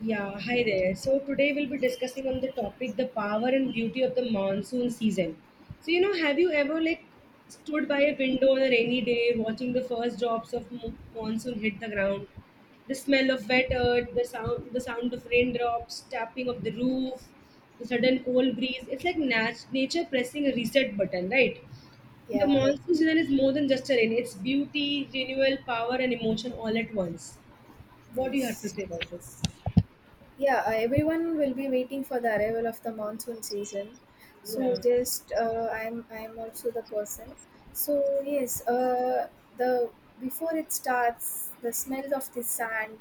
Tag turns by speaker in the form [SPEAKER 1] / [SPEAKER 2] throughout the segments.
[SPEAKER 1] Yeah, hi there. So today we'll be discussing on the topic the power and beauty of the monsoon season. So have you ever like stood by a window on a rainy day watching the first drops of monsoon hit the ground? The smell of wet earth, the sound of raindrops tapping of the roof, the sudden cold breeze. It's like nature pressing a reset button, right? The
[SPEAKER 2] Yeah,
[SPEAKER 1] monsoon season is more than just a rain. It's beauty, renewal, power and emotion all at once. What do you have to
[SPEAKER 2] yes.
[SPEAKER 1] say about this?
[SPEAKER 2] Yeah, everyone will be waiting for the arrival of the monsoon season.
[SPEAKER 1] Yeah.
[SPEAKER 2] So just I'm also the person. So yes, the before it starts, the smell of the sand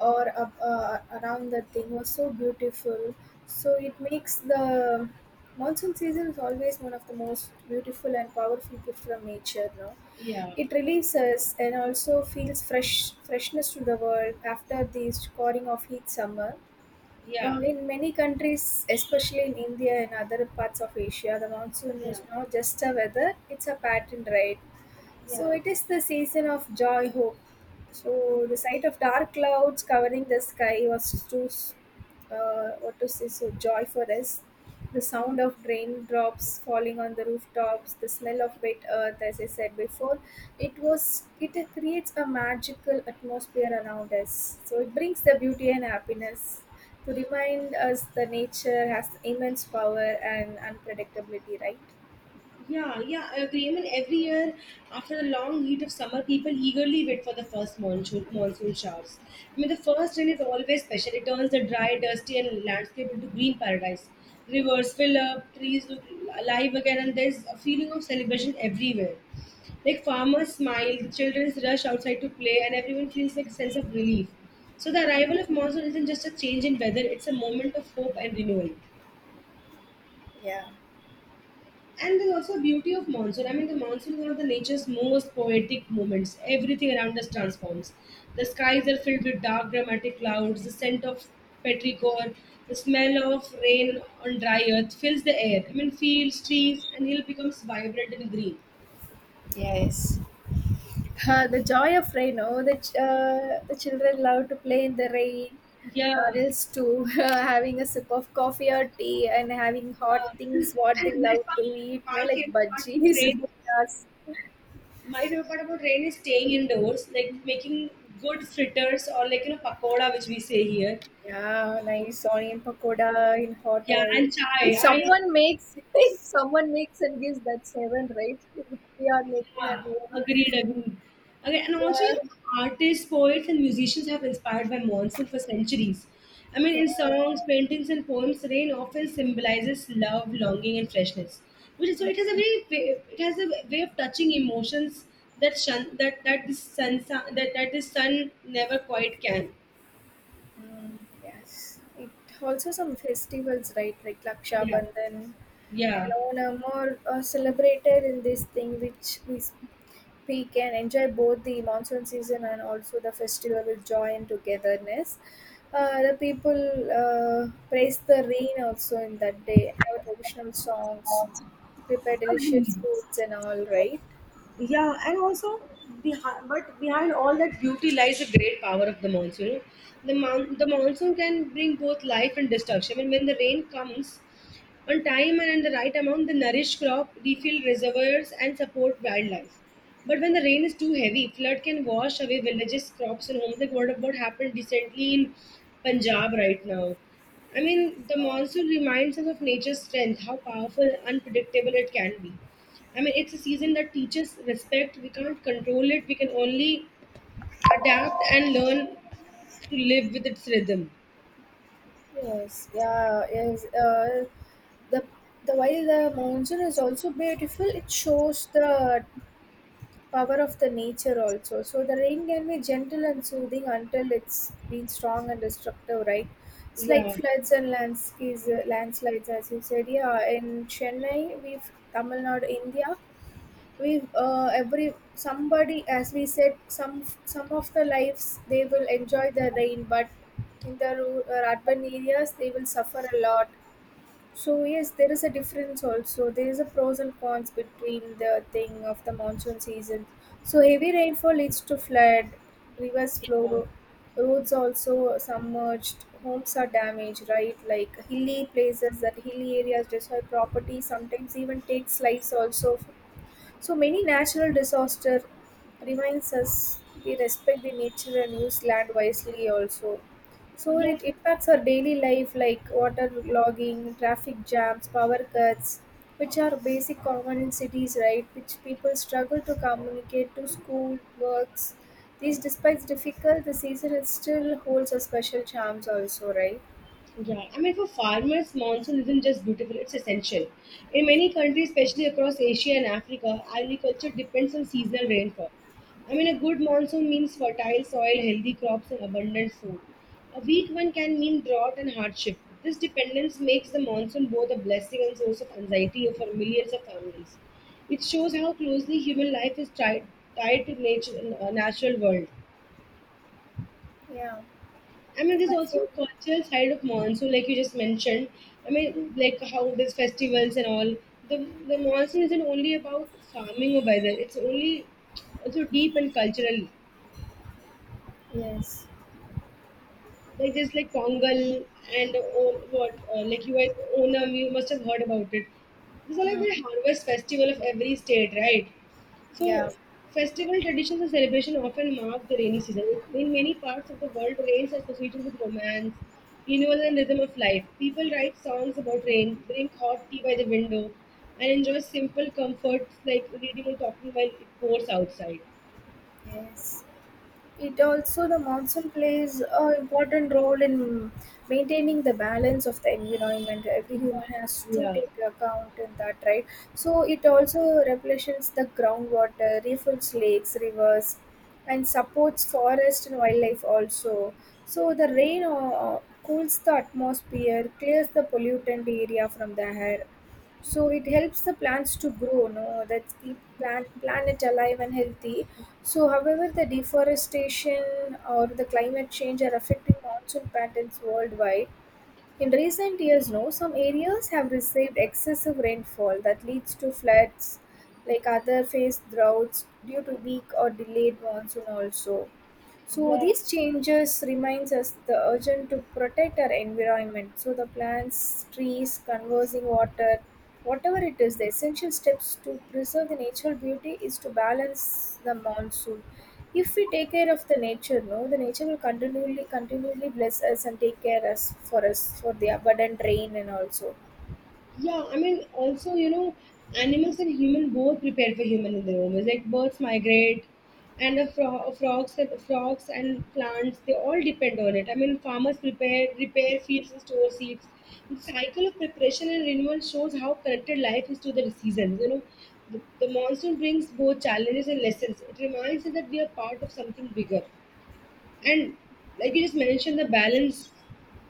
[SPEAKER 2] or up, around that thing was so beautiful. So it makes the monsoon season is always one of the most beautiful and powerful gift from nature. No,
[SPEAKER 1] Yeah,
[SPEAKER 2] it relieves us and also feels fresh freshness to the world after the scoring of heat summer.
[SPEAKER 1] yeah,
[SPEAKER 2] In many countries, especially in India and other parts of Asia, the monsoon
[SPEAKER 1] yeah,
[SPEAKER 2] is not just a weather; it's a pattern, right?
[SPEAKER 1] yeah,
[SPEAKER 2] So it is the season of joy, hope. So the sight of dark clouds covering the sky was too, what to say, so joy for us. The sound of raindrops falling on the rooftops, the smell of wet earth, as I said before, it creates a magical atmosphere around us. So it brings the beauty and happiness to remind us that nature has immense power and unpredictability, right?
[SPEAKER 1] yeah, yeah, I agree. I mean, every year after the long heat of summer, people eagerly wait for the first monsoon showers. I mean, the first rain is always special. It turns the dry, dusty, and landscape into green paradise. Rivers fill up, trees look alive again, and there's a feeling of celebration everywhere. Like farmers smile, the children rush outside to play, and everyone feels like a sense of relief. So the arrival of monsoon isn't just a change in weather; it's a moment of hope and renewal.
[SPEAKER 2] Yeah,
[SPEAKER 1] And there's also beauty of monsoon. I mean, the monsoon is one of the nature's most poetic moments. Everything around us transforms. The skies are filled with dark, dramatic clouds. The scent of petrichor, the smell of rain on dry earth fills the air. I mean, fields, trees, and hill becomes vibrant and green.
[SPEAKER 2] yes. The joy of rain. Oh, the children love to play in the rain.
[SPEAKER 1] Yeah.
[SPEAKER 2] Adults too, having a sip of coffee or tea and having hot
[SPEAKER 1] Uh,
[SPEAKER 2] things what
[SPEAKER 1] and
[SPEAKER 2] they
[SPEAKER 1] the
[SPEAKER 2] love
[SPEAKER 1] best part,
[SPEAKER 2] to eat.
[SPEAKER 1] my
[SPEAKER 2] Like
[SPEAKER 1] favorite part about
[SPEAKER 2] budgies.
[SPEAKER 1] rain,
[SPEAKER 2] Bhuttas.
[SPEAKER 1] my favorite part about rain is staying indoors, like making good fritters or like pakoda, which we say here.
[SPEAKER 2] Yeah, nice onion pakoda in hot
[SPEAKER 1] Yeah,
[SPEAKER 2] oil.
[SPEAKER 1] and
[SPEAKER 2] If
[SPEAKER 1] chai. I
[SPEAKER 2] someone makes, if someone makes and gives that seven, right? We are making
[SPEAKER 1] Yeah,
[SPEAKER 2] our own.
[SPEAKER 1] agreed, agreed. Okay, and also, artists, poets, and musicians have inspired by monsoon for centuries. I mean,
[SPEAKER 2] Yeah.
[SPEAKER 1] in songs, paintings, and poems, rain often symbolizes love, longing, and freshness. Which is, so it has a it has a way of touching emotions that shun, that that the sun that that the sun never quite can.
[SPEAKER 2] Mm, yes. It also some festivals, right? Like Laksha
[SPEAKER 1] Yeah,
[SPEAKER 2] Bandhan
[SPEAKER 1] yeah.
[SPEAKER 2] and Onam are celebrated in this thing we can enjoy both the monsoon season and also the festival with joy and togetherness. The people praise the rain also in that day, have traditional songs, prepare delicious
[SPEAKER 1] Agreed.
[SPEAKER 2] foods and all, right?
[SPEAKER 1] Yeah, and also but behind all that beauty lies the great power of the monsoon. The monsoon can bring both life and destruction. And when the rain comes on time and in the right amount, the nourished crop refill reservoirs and support wildlife. But when the rain is too heavy, flood can wash away villages, crops, and homes. Like what happened recently in Punjab right now. I mean, the
[SPEAKER 2] Uh,
[SPEAKER 1] monsoon reminds us of nature's strength, how powerful, unpredictable it can be. I mean, it's a season that teaches respect. We can't control it. We can only adapt and learn to live with its rhythm.
[SPEAKER 2] Yes, yeah, yes. The the while the monsoon is also beautiful, it shows the power of the nature also. So the rain can be gentle and soothing until it's been strong and destructive, right? It's like
[SPEAKER 1] Yeah.
[SPEAKER 2] floods and landslides, landslides, as you said. Yeah, in Chennai, we've Tamil Nadu, India, we every somebody as we said some of the lives they will enjoy the rain, but in the rural urban areas they will suffer a lot. So yes, there is a difference also. There is a pros and cons between the thing of the monsoon season. So heavy rainfall leads to flood, rivers
[SPEAKER 1] Yeah.
[SPEAKER 2] flow, roads also submerged, homes are damaged, right, like hilly places, that hilly areas destroy property, sometimes even takes lives also. So many natural disaster reminds us we respect the nature and use land wisely also. So
[SPEAKER 1] Yeah.
[SPEAKER 2] it impacts our daily life like water logging, traffic jams, power cuts, which are basic common in cities, right? Which people struggle to communicate to school, works. These despite difficult, the season it still holds a special charms also, right?
[SPEAKER 1] Yeah, I mean, for farmers, monsoon isn't just beautiful, it's essential. In many countries, especially across Asia and Africa, agriculture depends on seasonal rainfall. I mean, a good monsoon means fertile soil, healthy crops, and abundant food. A weak one can mean drought and hardship. This dependence makes the monsoon both a blessing and source of anxiety for millions of families. It shows how closely human life is tied, tied to nature, natural world.
[SPEAKER 2] Yeah.
[SPEAKER 1] I mean, there's
[SPEAKER 2] I see.
[SPEAKER 1] also a cultural side of monsoon, like you just mentioned. I mean, like how there's festivals and all. The the monsoon isn't only about farming or weather; it's only also deep and cultural.
[SPEAKER 2] Yes.
[SPEAKER 1] Like there's like Pongal and all, what like you guys Onam you must have heard about it. These are like
[SPEAKER 2] Mm.
[SPEAKER 1] the harvest festival of every state, right? So
[SPEAKER 2] Yeah.
[SPEAKER 1] festival traditions and celebration often mark the rainy season. In many parts of the world, rains are associated with romance, renewal, and rhythm of life. People write songs about rain, drink hot tea by the window, and enjoy simple comforts like reading or talking while it pours outside.
[SPEAKER 2] Yes. It also the monsoon plays a important role in maintaining the balance of the environment. Every
[SPEAKER 1] Yeah,
[SPEAKER 2] human has to
[SPEAKER 1] yeah,
[SPEAKER 2] take account in that, right? So it also replenishes the groundwater, refills lakes, rivers, and supports forest and wildlife also. So the rain cools the atmosphere, clears the pollutant area from the air, so it helps the plants to grow, no, that's keep plant planet alive and healthy. So however the deforestation or the climate change are affecting monsoon patterns worldwide. In recent years, no, some areas have received excessive rainfall that leads to floods, like other face droughts due to weak or delayed monsoon also. So
[SPEAKER 1] yeah.
[SPEAKER 2] these changes reminds us the urgent to protect our environment. So the plants, trees, conversing water, whatever it is, the essential steps to preserve the natural beauty is to balance the monsoon. If we take care of the nature, no, the nature will continually bless us and take care us for the abundant rain and also.
[SPEAKER 1] Yeah, I mean, also, animals and human both prepare for human in their own ways. Like birds migrate, and the frogs and plants, they all depend on it. I mean, farmers prepare, repair fields and store seeds. The cycle of preparation and renewal shows how connected life is to the seasons. The monsoon brings both challenges and lessons. It reminds us that we are part of something bigger. And like you just mentioned, the balance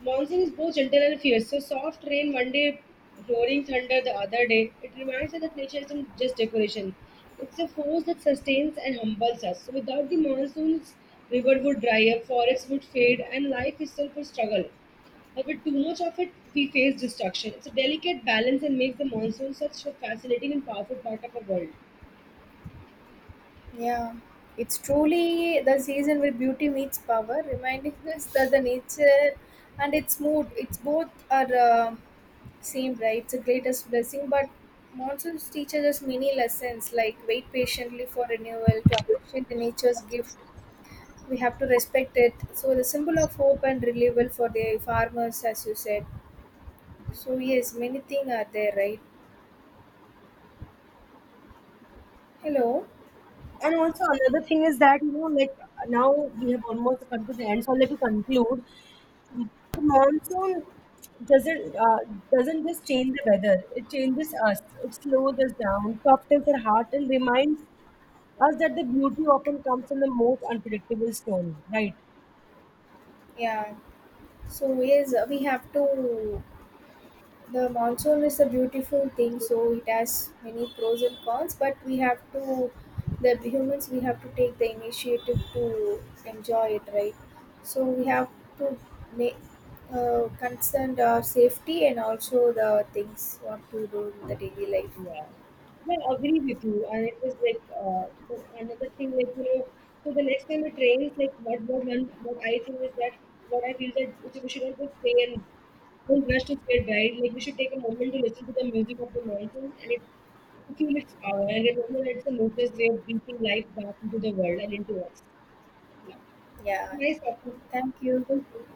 [SPEAKER 1] monsoon is both gentle and fierce. So soft rain one day, roaring thunder the other day. It reminds us that nature isn't just decoration. It's a force that sustains and humbles us. So without the monsoons, river would dry up, forests would fade, and life itself would struggle. But with too much of it, we face destruction. It's a delicate balance and makes the monsoon such a fascinating and powerful part of our world.
[SPEAKER 2] Yeah, it's truly the season where beauty meets power, reminding us that the nature and its mood, it's both are. Same, right? It's the greatest blessing, but monsoons teaches us many lessons like wait patiently for renewal, to appreciate the nature's gift. We have to respect it. So the symbol of hope and renewal for the farmers, as you said. So yes, many things are there, right? Hello.
[SPEAKER 1] And also another thing is that like now we have almost come to the end, so let me conclude. The monsoon doesn't uh, doesn't just change the weather; it changes us. It slows us down, softens our heart, and reminds us that the beauty often comes from the most unpredictable storm. Right?
[SPEAKER 2] Yeah. So yes, we have to. The monsoon is a beautiful thing, so it has many pros and cons, but we have to, the humans, we have to take the initiative to enjoy it, right? So we have to make concern our safety and also the things what to do in the daily life.
[SPEAKER 1] Yeah. Yeah, agree with you. And it was like so another thing, like so the next time the train is like what one what I think is that what I feel that which we should not just stay and don't rush to get right. Like we should take a moment to listen to the music of the mountain and it to feel its power and remember that it's the noblest way of breathing life back into the world and into us. Yeah.
[SPEAKER 2] Yeah,
[SPEAKER 1] Nice talking.
[SPEAKER 2] thank you.
[SPEAKER 1] Thank you.